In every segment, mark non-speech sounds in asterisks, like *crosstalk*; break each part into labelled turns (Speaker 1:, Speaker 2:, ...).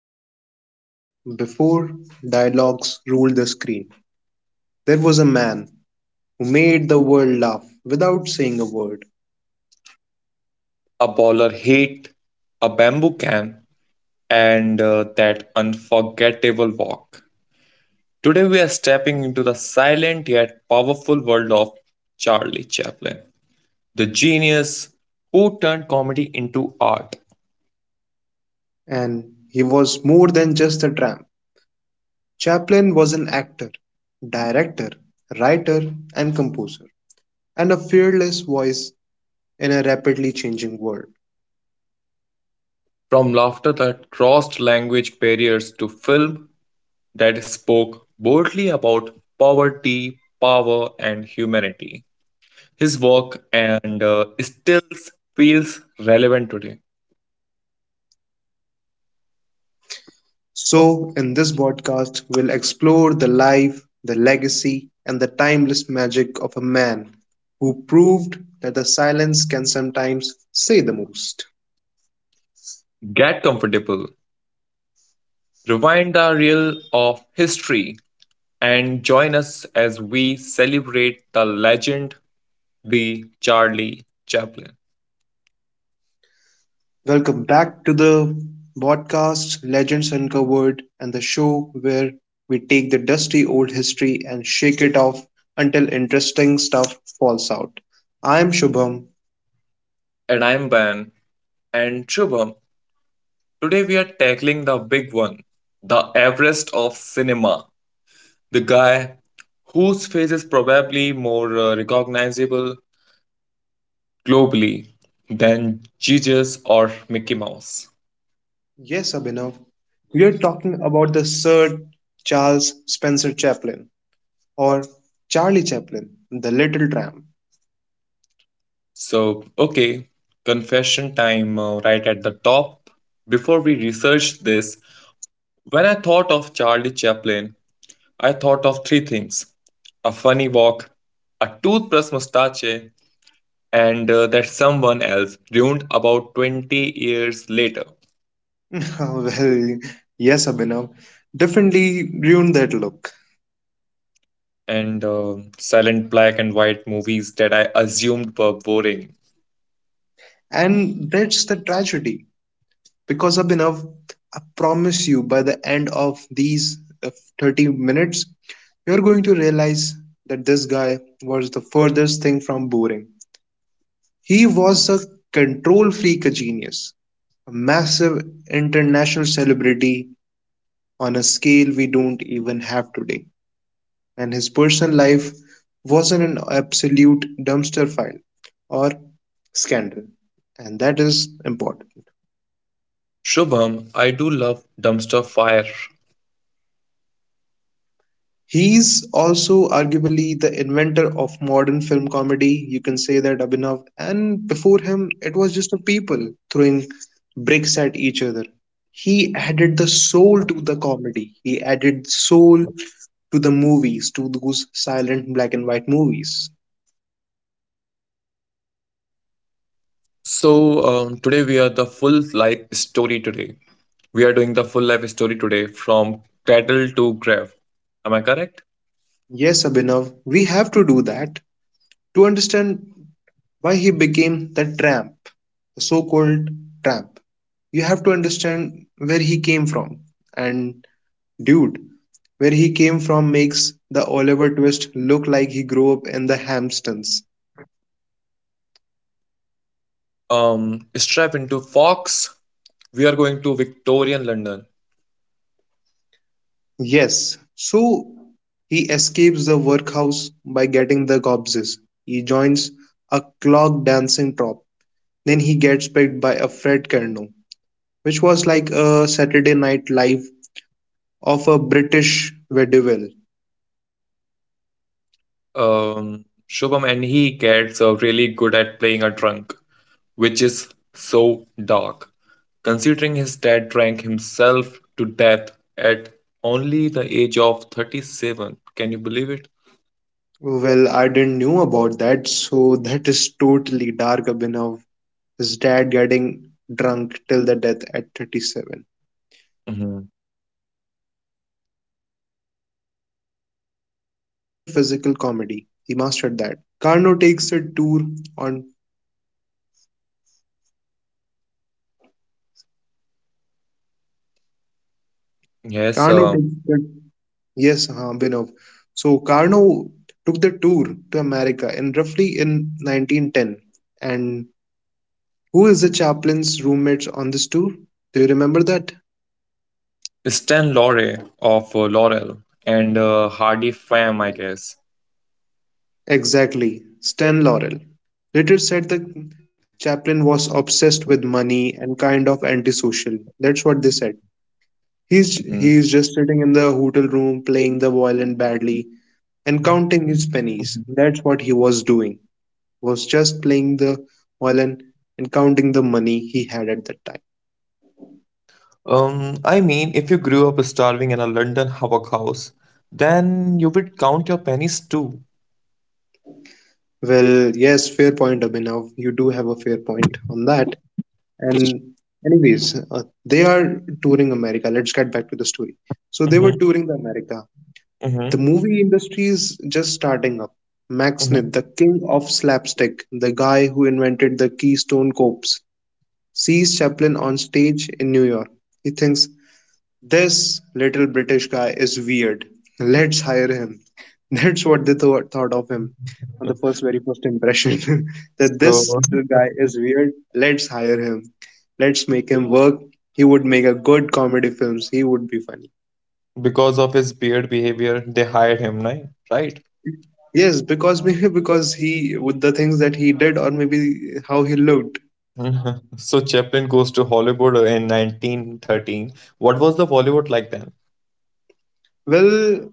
Speaker 1: special effects, before dialogues ruled the screen, there was a man who made the world laugh without saying a word.
Speaker 2: A baller hate, a bamboo can, and that unforgettable walk. Today we are stepping into the silent yet powerful world of Charlie Chaplin, the genius who turned comedy into art.
Speaker 1: And he was more than just a tramp. Chaplin was an actor, director, writer, and composer, and a fearless voice in a rapidly changing world.
Speaker 2: From laughter that crossed language barriers to film that spoke boldly about poverty, power, and humanity. His work and stills feels relevant today.
Speaker 1: So, in this podcast, we'll explore the life, the legacy, and the timeless magic of a man who proved that the silence can sometimes say the most.
Speaker 2: Get comfortable. Rewind the reel of history and join us as we celebrate the legend, the Charlie Chaplin.
Speaker 1: Welcome back to the podcast Legends Uncovered and the show where we take the dusty old history and shake it off until interesting stuff falls out. I am Shubham.
Speaker 2: And I'm Ben and Shubham. Today we are tackling the big one, the Everest of cinema, the guy whose face is probably more recognizable globally than Jesus or Mickey Mouse.
Speaker 1: Yes, Abhinav. We are talking about the Sir Charles Spencer Chaplin or Charlie Chaplin, The Little Tramp.
Speaker 2: Okay, confession time right at the top. Before we researched this, when I thought of Charlie Chaplin, I thought of three things: a funny walk, a toothbrush mustache, and that someone else ruined about 20 years later,
Speaker 1: *laughs* Well, yes, Abhinav definitely ruined that look.
Speaker 2: and silent black and white movies that I assumed were boring.
Speaker 1: And that's the tragedy because Abhinav, I promise you, by the end of these uh, 30 minutes, you're going to realize that this guy was the furthest thing from boring. He was a control freak genius, a massive international celebrity on a scale we don't even have today. And his personal life wasn't an absolute dumpster fire or scandal, and that is important.
Speaker 2: Shubham, I do love dumpster fire.
Speaker 1: He's also arguably the inventor of modern film comedy. You can say that Abhinav, and before him, it was just a people throwing bricks at each other. He added the soul to the comedy. He added soul to the movies, to those silent black and white movies.
Speaker 2: So, today we are the full life story today. We are doing the full life story today from cradle to grave. Am I correct?
Speaker 1: Yes, Abhinav, we have to do that to understand why he became the tramp, the so called tramp. You have to understand where he came from. And dude, where he came from makes the Oliver Twist look like he grew up in the Hamptons.
Speaker 2: Strap into Fox. We are going to Victorian London.
Speaker 1: Yes, so he escapes the workhouse by getting the gobses. He joins a clog dancing troupe. Then he gets picked by a Fred Carno, which was like a Saturday Night Live of a British vaudeville.
Speaker 2: Um, Shubham, and he gets really good at playing a drunk, which is so dark. Considering his dad drank himself to death at only the age of 37, can you believe it?
Speaker 1: Well, I didn't knew about that, so that is totally dark Abhinav. His dad getting drunk till the death at 37.
Speaker 2: Hmm.
Speaker 1: But he was a master physical comedy. He mastered that. Carno takes a tour on
Speaker 2: Yes,
Speaker 1: Carno takes the yes, huh, Abhinav. So Carno took the tour to America in roughly in 1910. And who is the chaplain's roommates on this tour? Do you remember that?
Speaker 2: Stan Laurel of Laurel and Hardy fame, I guess.
Speaker 1: Exactly, Stan Laurel later said the Chaplin was obsessed with money and kind of antisocial. That's what they said. He's
Speaker 2: Hmm.
Speaker 1: he's just sitting in the hotel room playing the violin badly and counting his pennies. That's what he was doing. Was just playing the violin and counting the money he had at that time.
Speaker 2: I mean, if you grew up starving in a London hawker house, then you would count your pennies too.
Speaker 1: Well, yes, fair point, Abhinav. You do have a fair point on that. And anyways, they are touring America. Let's get back to the story. So they were
Speaker 2: Mm-hmm,
Speaker 1: touring the America. The
Speaker 2: mm-hmm,
Speaker 1: movie industry is just starting up. Max
Speaker 2: mm-hmm.
Speaker 1: Smith, the king of slapstick, the guy who invented the Keystone Cops, sees Chaplin on stage in New York. He thinks, this little British guy is weird. Let's hire him. *laughs* That's what they thought of him on the first very first impression. *laughs* That
Speaker 2: So,
Speaker 1: this little guy is weird. Let's hire him. Let's make him work. He would make a good comedy films. He would be funny.
Speaker 2: *laughs* because of his weird behavior, they hired him, right? Right.
Speaker 1: Yes, because *laughs* maybe because he with the things that he did or maybe how he looked.
Speaker 2: Mhm. So Chaplin goes to Hollywood in 1913. What was the Bollywood like then?
Speaker 1: Well,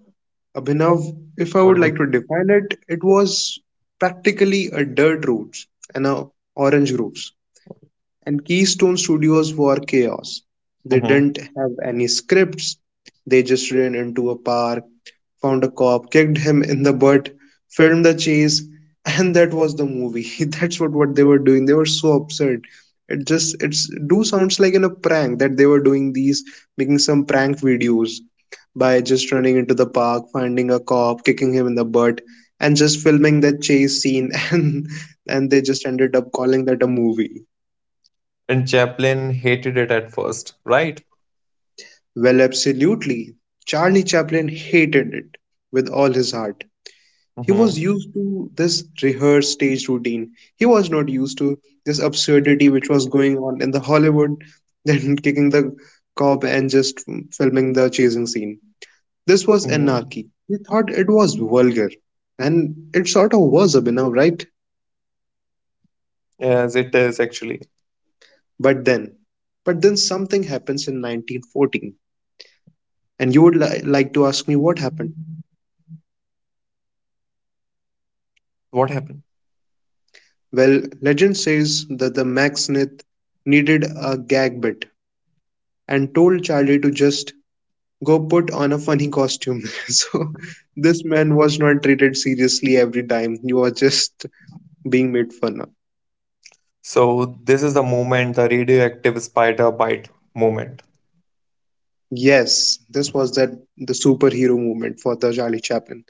Speaker 1: Abhinav, if I
Speaker 2: What
Speaker 1: would
Speaker 2: was?
Speaker 1: like to define it, it was practically a dirt road and a orange grove. And Keystone Studios were chaos. They
Speaker 2: Mm-hmm.
Speaker 1: didn't have any scripts. They just ran into a park, found a cop, kicked him in the butt, filmed the chase, and that was the movie. *laughs* That's what they were doing. They were so absurd. It just it's do sounds like in a prank that they were doing these making some prank videos by just running into the park, finding a cop, kicking him in the butt, and just filming that chase scene *laughs* and they just ended up calling that a movie.
Speaker 2: And Chaplin hated it at first, right?
Speaker 1: Well, absolutely. Charlie Chaplin hated it with all his heart. He was used
Speaker 2: Mm-hmm,
Speaker 1: to this rehearsed stage routine. He was not used to this absurdity which was going on in the Hollywood, then *laughs* kicking the cop and just filming the chasing scene. This was
Speaker 2: mm-hmm.
Speaker 1: anarchy. He thought it was vulgar, and it sort of was, Abhinav, right?
Speaker 2: Yes, it is actually.
Speaker 1: But then, but then, something happens in 1914, and you would like to ask me what happened.
Speaker 2: What happened?
Speaker 1: Well, legend says that the Macksmith needed a gag bit and told Charlie to just go put on a funny costume. *laughs* So this man was not treated seriously every time. He was just being made fun of.
Speaker 2: So this is the moment, the radioactive spider bite moment.
Speaker 1: Yes, this was that the superhero movement for the Charlie Chaplin.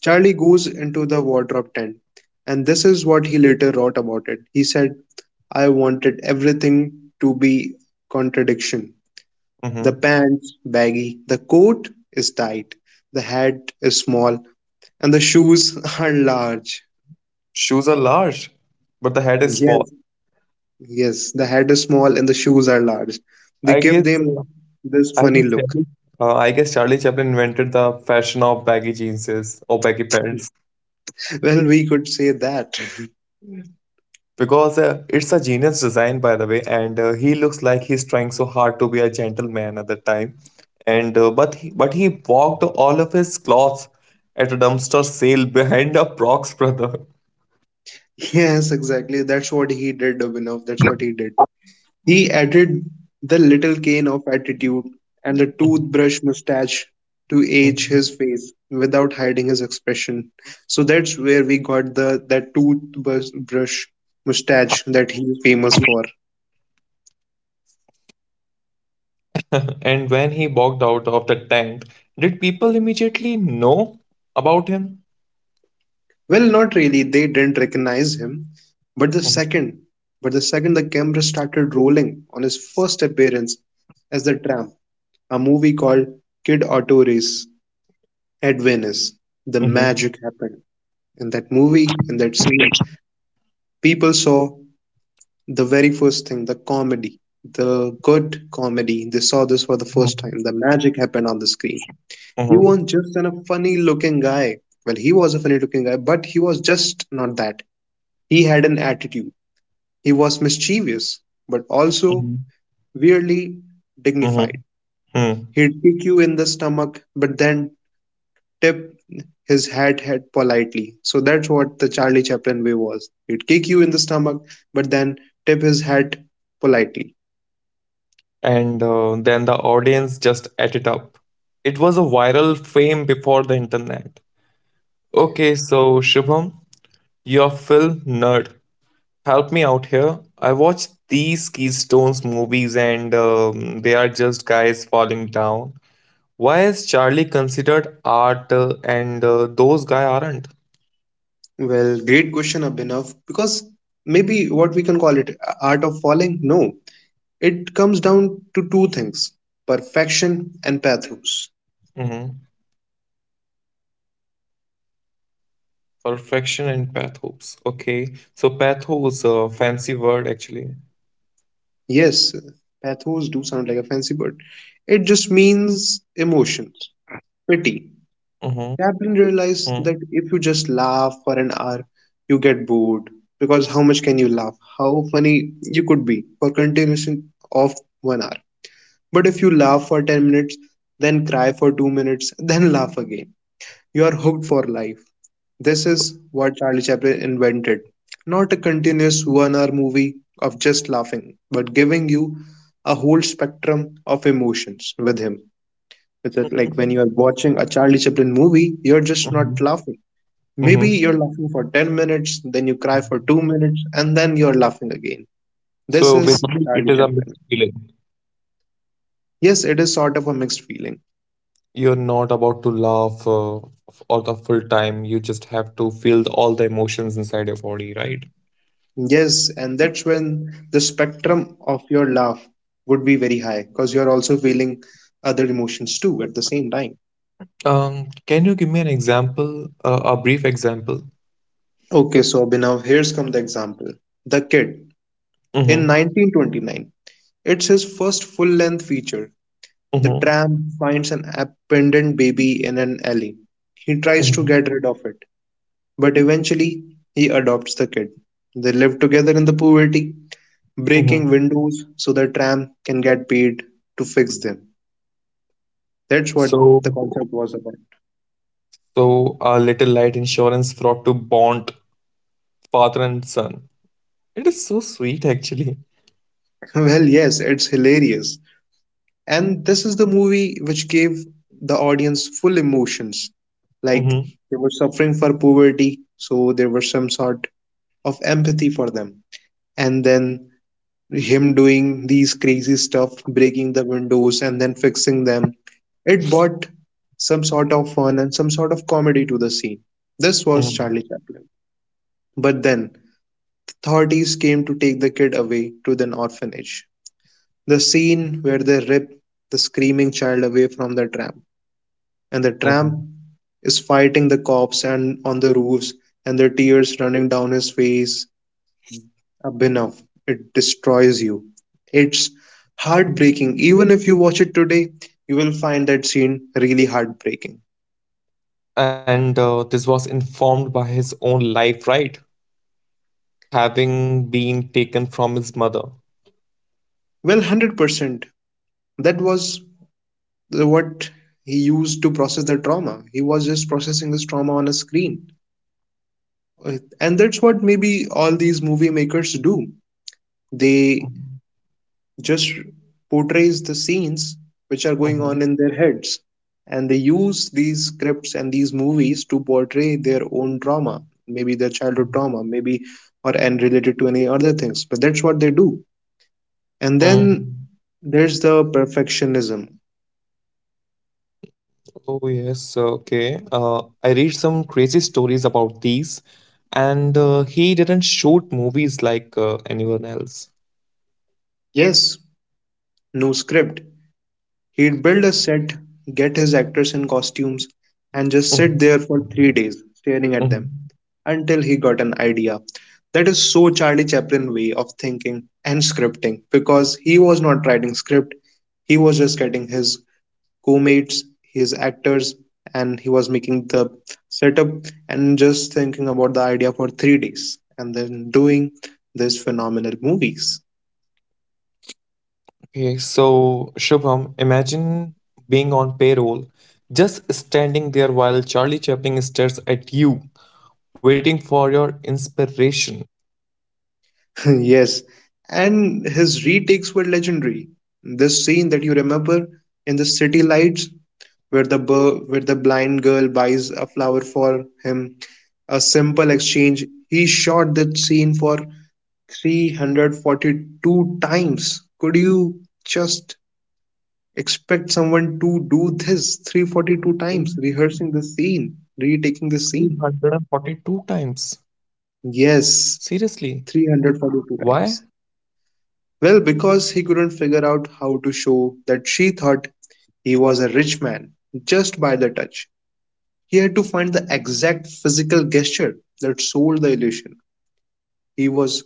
Speaker 1: Charlie goes into the wardrobe tent, and this is what he later wrote about it. He said, I wanted everything to be contradiction. The
Speaker 2: Hmm.
Speaker 1: pants baggy, the coat is tight, the hat is small, and the shoes *laughs* are large.
Speaker 2: Shoes are large, but the head is small.
Speaker 1: Yes, yes, the hat is small and the shoes are large. They
Speaker 2: I
Speaker 1: give
Speaker 2: guess uh,
Speaker 1: them this
Speaker 2: I
Speaker 1: funny
Speaker 2: guess
Speaker 1: look.
Speaker 2: Charlie, I guess Charlie Chaplin invented the fashion of baggy jeans or baggy pants.
Speaker 1: Well, we could say that. *laughs*
Speaker 2: Because it's a genius design, by the way, and he looks like he's trying so hard to be a gentleman at the time and but he walked all of his clothes at a dumpster sale *laughs* behind a prox brother.
Speaker 1: Yes, exactly. That's what he did, Abhinav. That's what
Speaker 2: *laughs*
Speaker 1: he did. He added the little cane of attitude and the toothbrush mustache to age
Speaker 2: Mhm.
Speaker 1: his face without hiding his expression. So that's where we got the that toothbrush mustache that he's famous for.
Speaker 2: And when he walked out of the tent, did people immediately know about him?
Speaker 1: Well, not really. They didn't recognize him, but the second, but the second the camera started rolling on his first appearance as the tramp, a movie called Kid Auto Race at Venice, the
Speaker 2: Mm-hmm.
Speaker 1: magic happened in that movie, in that scene, people saw the very first thing, the comedy, the good comedy. They saw this for the first time. The magic happened on the screen. He
Speaker 2: Mm-hmm.
Speaker 1: wasn't just a funny looking guy. Well, he was a funny looking guy, but he was just not that. He had an attitude. He was mischievous, but also
Speaker 2: Hmm.
Speaker 1: weirdly dignified.
Speaker 2: Hmm.
Speaker 1: He'd kick you in the stomach, but then tip his hat head politely. So that's what the Charlie Chaplin way was. He'd kick you in the stomach, but then tip his hat politely.
Speaker 2: And then the audience just ate it up. It was a viral fame before the internet. Okay, so Shubham, you're film nerd. Help me out here. I watch these Keystones movies and they are just guys falling down. Why is Charlie considered art, and those guys aren't?
Speaker 1: Well, great question, Abhinav, because maybe what we can call it art of falling? No. It comes down to two things perfection and pathos.
Speaker 2: Hmm. Perfection and pathos. Okay, so pathos, a fancy word actually.
Speaker 1: Yes, pathos do sound like a fancy word. It just means emotions, pity,
Speaker 2: Mm-hmm.
Speaker 1: Chaplin
Speaker 2: Mm-hmm.
Speaker 1: realized that if you just laugh for an hour, you get bored. Because how much can you laugh? How funny you could be for continuation of 1 hour. But if you laugh for 10 minutes, then cry for 2 minutes, *laughs* then laugh again, you are hooked for life. This is what Charlie Chaplin invented. Not a continuous 1 hour movie of just laughing, but giving you a whole spectrum of emotions with him. Is it like when you are watching a Charlie Chaplin movie, you're just not
Speaker 2: Mm-hmm.
Speaker 1: laughing. Maybe
Speaker 2: Mm-hmm.
Speaker 1: you're laughing for 10 minutes, then you cry for 2 minutes, and then you're laughing again. This
Speaker 2: So
Speaker 1: is
Speaker 2: basically, it
Speaker 1: Charlie
Speaker 2: is a
Speaker 1: Chaplin.
Speaker 2: mixed feeling.
Speaker 1: Yes, it is sort of a mixed feeling.
Speaker 2: You're not about to laugh f- or the full time. You just have to feel all the emotions inside your body, right?
Speaker 1: Yes, and that's when the spectrum of your laugh would be very high because you're also feeling other emotions too at the same time.
Speaker 2: Can you give me an example, a brief example?
Speaker 1: Okay, so Abhinav, here's come the example. The Kid in
Speaker 2: Mm-hmm.
Speaker 1: 1929. It's his first full length feature. The
Speaker 2: Mm-hmm.
Speaker 1: tramp finds an abandoned baby in an alley. He tries to
Speaker 2: Mm-hmm.
Speaker 1: get rid of it, but eventually he adopts the kid. They live together in the poverty,
Speaker 2: Mm-hmm.
Speaker 1: breaking windows so the tramp can get paid to fix them. That's what
Speaker 2: So,
Speaker 1: the concept was about.
Speaker 2: so a little light insurance fraud to bond father and son. It is so sweet, actually.
Speaker 1: *laughs* Well, yes, it's hilarious. And this is the movie which gave the audience full emotions. Like
Speaker 2: Mm-hmm.
Speaker 1: they were suffering for poverty, so there was some sort of empathy for them. And then him doing these crazy stuff, breaking the windows and then fixing them. It brought some sort of fun and some sort of comedy to the scene. This was
Speaker 2: Mm-hmm.
Speaker 1: Charlie Chaplin. But then, authorities came to take the kid away to an orphanage. The scene where they rip the screaming child away from the tramp, and the tramp
Speaker 2: Mm-hmm.
Speaker 1: is fighting the cops and on the roofs, and the tears running down his face, Abhinav, it destroys you. It's heartbreaking. Even if you watch it today, you will find that scene really heartbreaking.
Speaker 2: And this was informed by his own life, right? Having been taken from his mother.
Speaker 1: Well, 100%. That was what he used to process the trauma. He was just processing his trauma on a screen. And that's what maybe all these movie makers do. They
Speaker 2: Mhm,
Speaker 1: just portrays the scenes which are going on
Speaker 2: mhm,
Speaker 1: in their heads. And they use these scripts and these movies to portray their own trauma, maybe their childhood trauma, maybe or and related to any other things. But that's what they do. And then
Speaker 2: mhm.
Speaker 1: there's the perfectionism.
Speaker 2: Oh yes, okay. I read some crazy stories about these, and he didn't shoot movies like anyone else.
Speaker 1: Yes, no script. He'd build a set, get his actors in costumes, and just sit
Speaker 2: Mhm,
Speaker 1: there for 3 days staring at
Speaker 2: mhm.
Speaker 1: them until he got an idea. That is so Charlie Chaplin way of thinking and scripting because he was not writing script, he was just getting his co-mates, his actors, and he was making the setup and just thinking about the idea for 3 days and then doing these phenomenal movies.
Speaker 2: Okay, so Shubham, imagine being on payroll, just standing there while Charlie Chaplin stares at you, waiting for your inspiration.
Speaker 1: *laughs* Yes, and his retakes were legendary. This scene that you remember in the city lights where where the blind girl buys a flower for him. A simple exchange. He shot that scene for 342 times. Could you just expect someone to do this 342 times, rehearsing the scene, retaking the scene?
Speaker 2: 342 times. Seriously,
Speaker 1: Yes,
Speaker 2: why?
Speaker 1: 342 times. Well, because he couldn't figure out how to show that she thought he was a rich man just by the touch. He had to find the exact physical gesture that sold the illusion. He was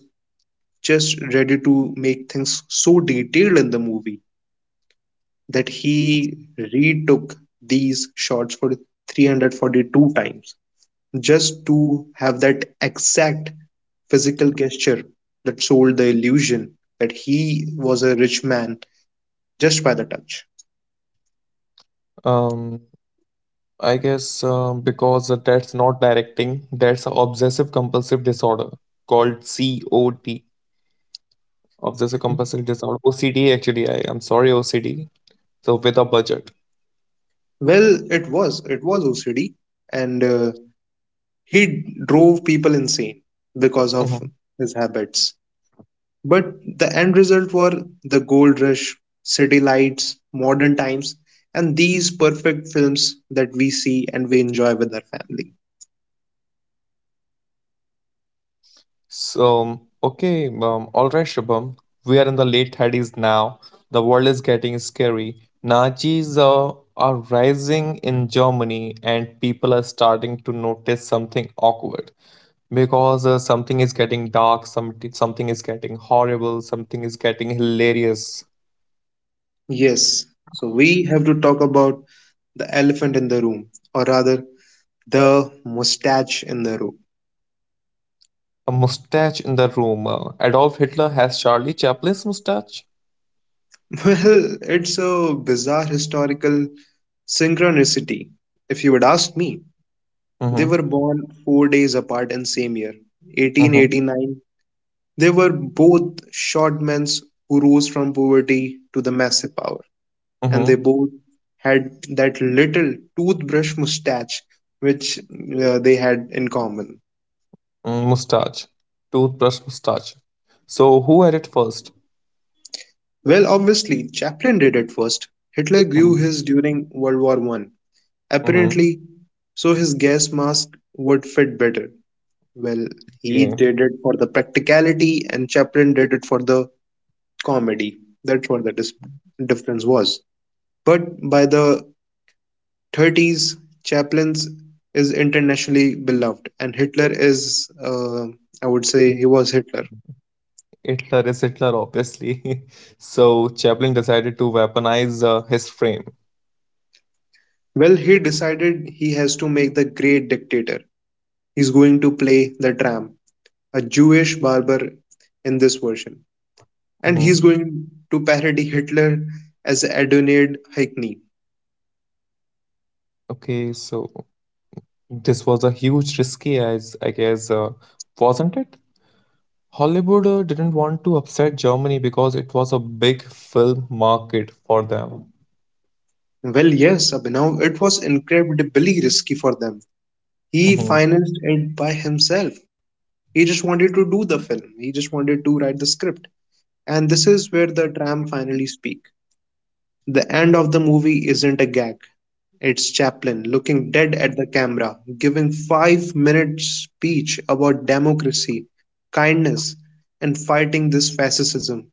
Speaker 1: just ready to make things so detailed in the movie that he retook these shots for 342 times just to have that exact physical gesture that sold the illusion that he was a rich man just by the touch.
Speaker 2: Um, I guess because that's not directing, that's an obsessive compulsive disorder called COD, obsessive compulsive disorder, OCD actually. I'm sorry, OCD. So, with a budget.
Speaker 1: Well, it was. It was OCD. And He drove people insane because of
Speaker 2: Mhm.
Speaker 1: his habits. But the end result were the gold rush, city lights, modern times, and these perfect films that we see and we enjoy with our family.
Speaker 2: All right, Shubham. We are in the late 30s now. The world is getting scary. Nazis are rising in Germany, and people are starting to notice something awkward because something is getting horrible, something is getting hilarious.
Speaker 1: Yes, so we have to talk about the elephant in the room, or rather, the mustache in the room.
Speaker 2: A mustache in the room. Adolf Hitler has Charlie Chaplin's mustache.
Speaker 1: *laughs* Well, it's a bizarre historical synchronicity, if you would ask me. They
Speaker 2: Mm-hmm.
Speaker 1: were born 4 days apart in same year,
Speaker 2: Mm-hmm.
Speaker 1: 1889. They were both short men who rose from poverty to the massive power, and they
Speaker 2: Mm-hmm.
Speaker 1: both had that little toothbrush mustache which they had in common.
Speaker 2: Mm, mustache. Toothbrush mustache. So who had it 1st?
Speaker 1: Well, obviously, Chaplin did it first. Hitler grew
Speaker 2: Mm-hmm.
Speaker 1: his during World War I.
Speaker 2: Mm-hmm.
Speaker 1: Apparently, so his gas mask would fit better. Well, he
Speaker 2: Yeah.
Speaker 1: did it for the practicality, and Chaplin did it for the comedy. That's what the difference was. But by the 30s, Chaplin's is internationally beloved, and Hitler is, I would say, he was Hitler.
Speaker 2: Hitler is Hitler, obviously. *laughs* So Chaplin decided to weaponize his frame.
Speaker 1: Well, he decided he has to make the great dictator. He's going to play the tramp, a Jewish barber in this version. And he's
Speaker 2: Hmm.
Speaker 1: going to parody Hitler as Adonid Hackney.
Speaker 2: Okay, so this was a huge risky, as I guess, wasn't it? Hollywood didn't want to upset Germany because it was a big film market for them.
Speaker 1: Well, yes, Abhinav, it was incredibly risky for them. He
Speaker 2: Mhm.
Speaker 1: financed it by himself. He just wanted to do the film. He just wanted to write the script. And this is where the tram finally speak. The end of the movie isn't a gag. It's Chaplin looking dead at the camera, giving 5 minute speech about democracy, kindness, and fighting this fascism.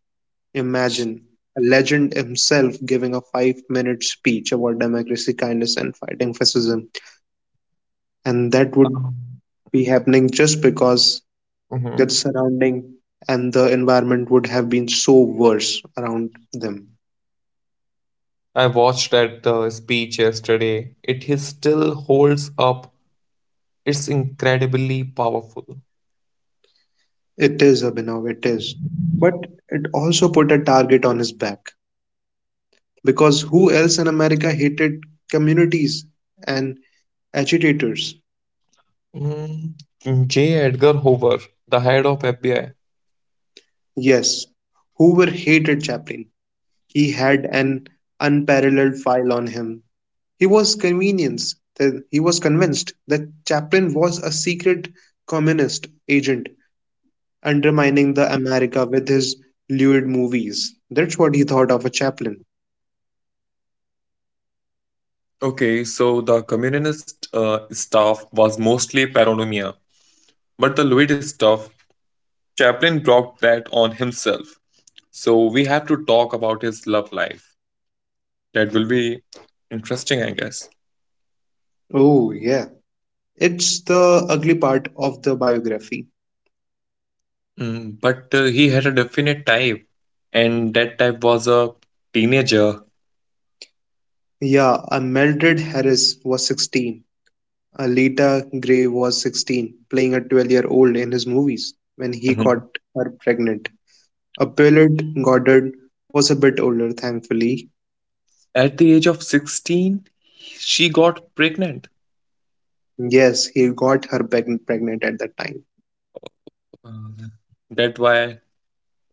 Speaker 1: Imagine a legend himself giving a 5 minute speech about democracy, kindness, and fighting fascism. And that would be happening just because that
Speaker 2: Hmm.
Speaker 1: the surrounding and the environment would have been so worse around them.
Speaker 2: I watched that speech yesterday. It is still holds up. It's incredibly powerful.
Speaker 1: It is, Abhinav, it is. But it also put a target on his back because who else in America hated communities and agitators?
Speaker 2: Mm, J. Edgar Hoover, the head of FBI.
Speaker 1: Yes, Hoover hated Chaplin. He had an unparalleled file on him. He was convenience. He was convinced that Chaplin was a secret communist agent undermining the America with his lewd movies. That's what he thought of a Chaplin.
Speaker 2: Okay, so the communist stuff was mostly paranoia, but the Louis stuff, Chaplin brought that on himself. So we have to talk about his love life. That will be interesting, I guess.
Speaker 1: Oh, yeah. It's the ugly part of the biography.
Speaker 2: Mm, but He had a definite type, and that type was a teenager.
Speaker 1: Yeah, a Mildred Harris was 16. Alita Gray was 16, playing a 12-year-old in his movies when he got
Speaker 2: Mhm.
Speaker 1: her pregnant. Appellate Goddard was a bit older, thankfully.
Speaker 2: At the age of 16, she got pregnant.
Speaker 1: Yes, he got her pregnant at that time.
Speaker 2: Uh, that why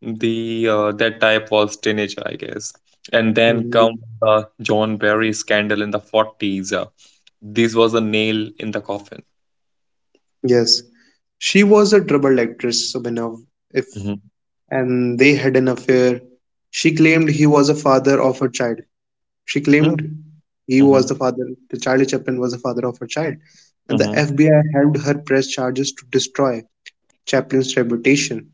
Speaker 2: the that type was teenager, I guess. And then
Speaker 1: Mhm.
Speaker 2: come the John Barry scandal in the 40s. This was a nail in the coffin.
Speaker 1: Yes, she was a troubled actress, Abhinav, if
Speaker 2: Mhm.
Speaker 1: and they had an affair. She claimed he was a father of her child. She
Speaker 2: Mhm.
Speaker 1: claimed he was
Speaker 2: Mhm.
Speaker 1: the father, the Charlie Chaplin was the father of her child. And the
Speaker 2: Mhm.
Speaker 1: FBI helped her press charges to destroy Chaplin's reputation.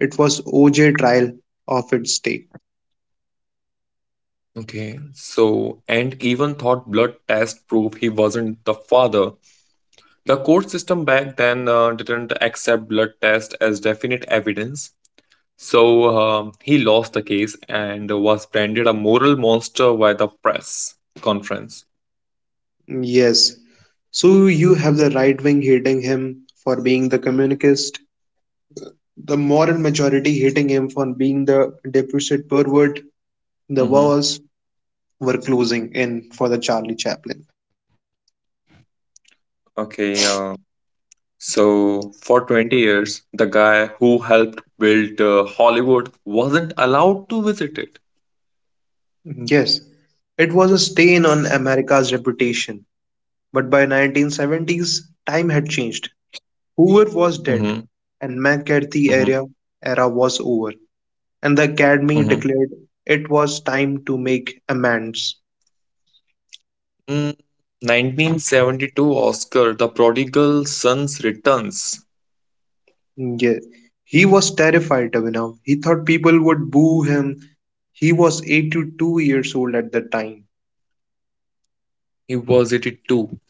Speaker 1: It was OJ trial of its day.
Speaker 2: Okay, so, and even thought blood test proof he wasn't the father. The court system back then didn't accept blood test as definite evidence. So he lost the case and was branded a moral monster by the press conference.
Speaker 1: Yes. So you have the right wing hating him for being the communist, the moral majority hating him for being the deficit pervert. The
Speaker 2: Mm-hmm.
Speaker 1: walls were closing in for the Charlie Chaplin.
Speaker 2: Okay, so for 20 years, the guy who helped build Hollywood wasn't allowed to visit it.
Speaker 1: Yes, it was a stain on America's reputation. But by 1970s, time had changed.
Speaker 2: Mm-hmm.
Speaker 1: Hoover was dead, and
Speaker 2: Mm-hmm.
Speaker 1: McCarthy era was over, and the
Speaker 2: Mm-hmm.
Speaker 1: Academy declared it was time to make amends.
Speaker 2: Mm, 1972 Oscar, The Prodigal Sons Returns.
Speaker 1: Mm, yeah. He was terrified, Abhinav. He thought people would boo him. He was 82 years old at the time.
Speaker 2: He was 82.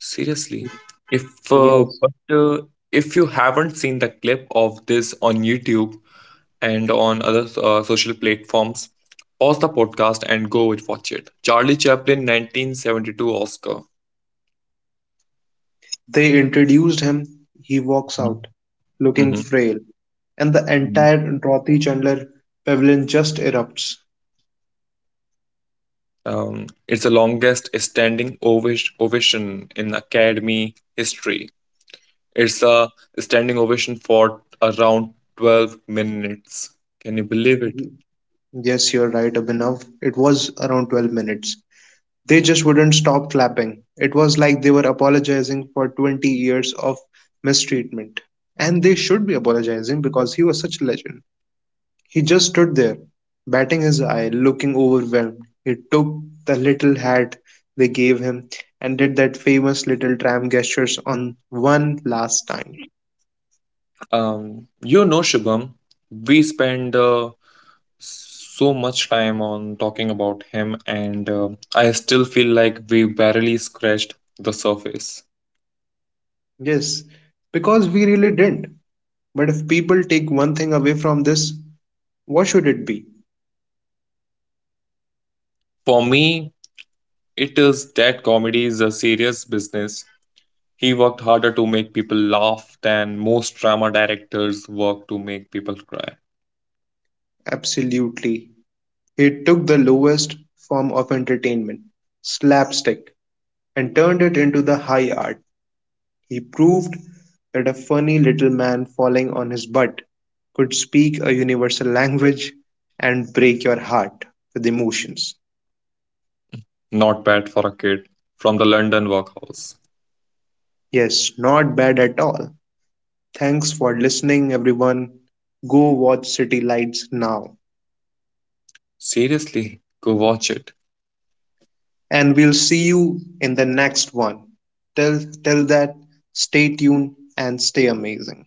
Speaker 2: Seriously. If uh,
Speaker 1: Yes.
Speaker 2: but uh, if you haven't seen the clip of this on YouTube and on other social platforms, pause the podcast and go and watch it. Charlie Chaplin 1972 Oscar.
Speaker 1: They introduced him, he walks out, looking
Speaker 2: Mhm.
Speaker 1: frail, and the entire Dorothy Chandler pavilion just erupts.
Speaker 2: It's the longest standing ovation in Academy history. It's a standing ovation for around 12 minutes. Can you believe it?
Speaker 1: Mm-hmm. Yes, you're right, Abhinav. It was around 12 minutes. They just wouldn't stop clapping. It was like they were apologizing for 20 years of mistreatment. And they should be apologizing because he was such a legend. He just stood there, batting his eye, looking overwhelmed. He took the little hat they gave him and did that famous little tram gestures on one last time.
Speaker 2: You know, Shubham, we spend so much time on talking about him, and I still feel like we barely scratched the surface.
Speaker 1: Yes, because we really didn't. But if people take one thing away from this, what should it be?
Speaker 2: For me, it is that comedy is a serious business. He worked harder to make people laugh than most drama directors work to make people cry.
Speaker 1: Absolutely. He took the lowest form of entertainment, slapstick, and turned it into the high art. He proved that a funny little man falling on his butt could speak a universal language and break your heart with emotions.
Speaker 2: Not bad for a kid from the London workhouse.
Speaker 1: Yes, not bad at all. Thanks for listening, everyone. Go watch City Lights now.
Speaker 2: Seriously, go watch it.
Speaker 1: And we'll see you in the next one. Till that, stay tuned and stay amazing.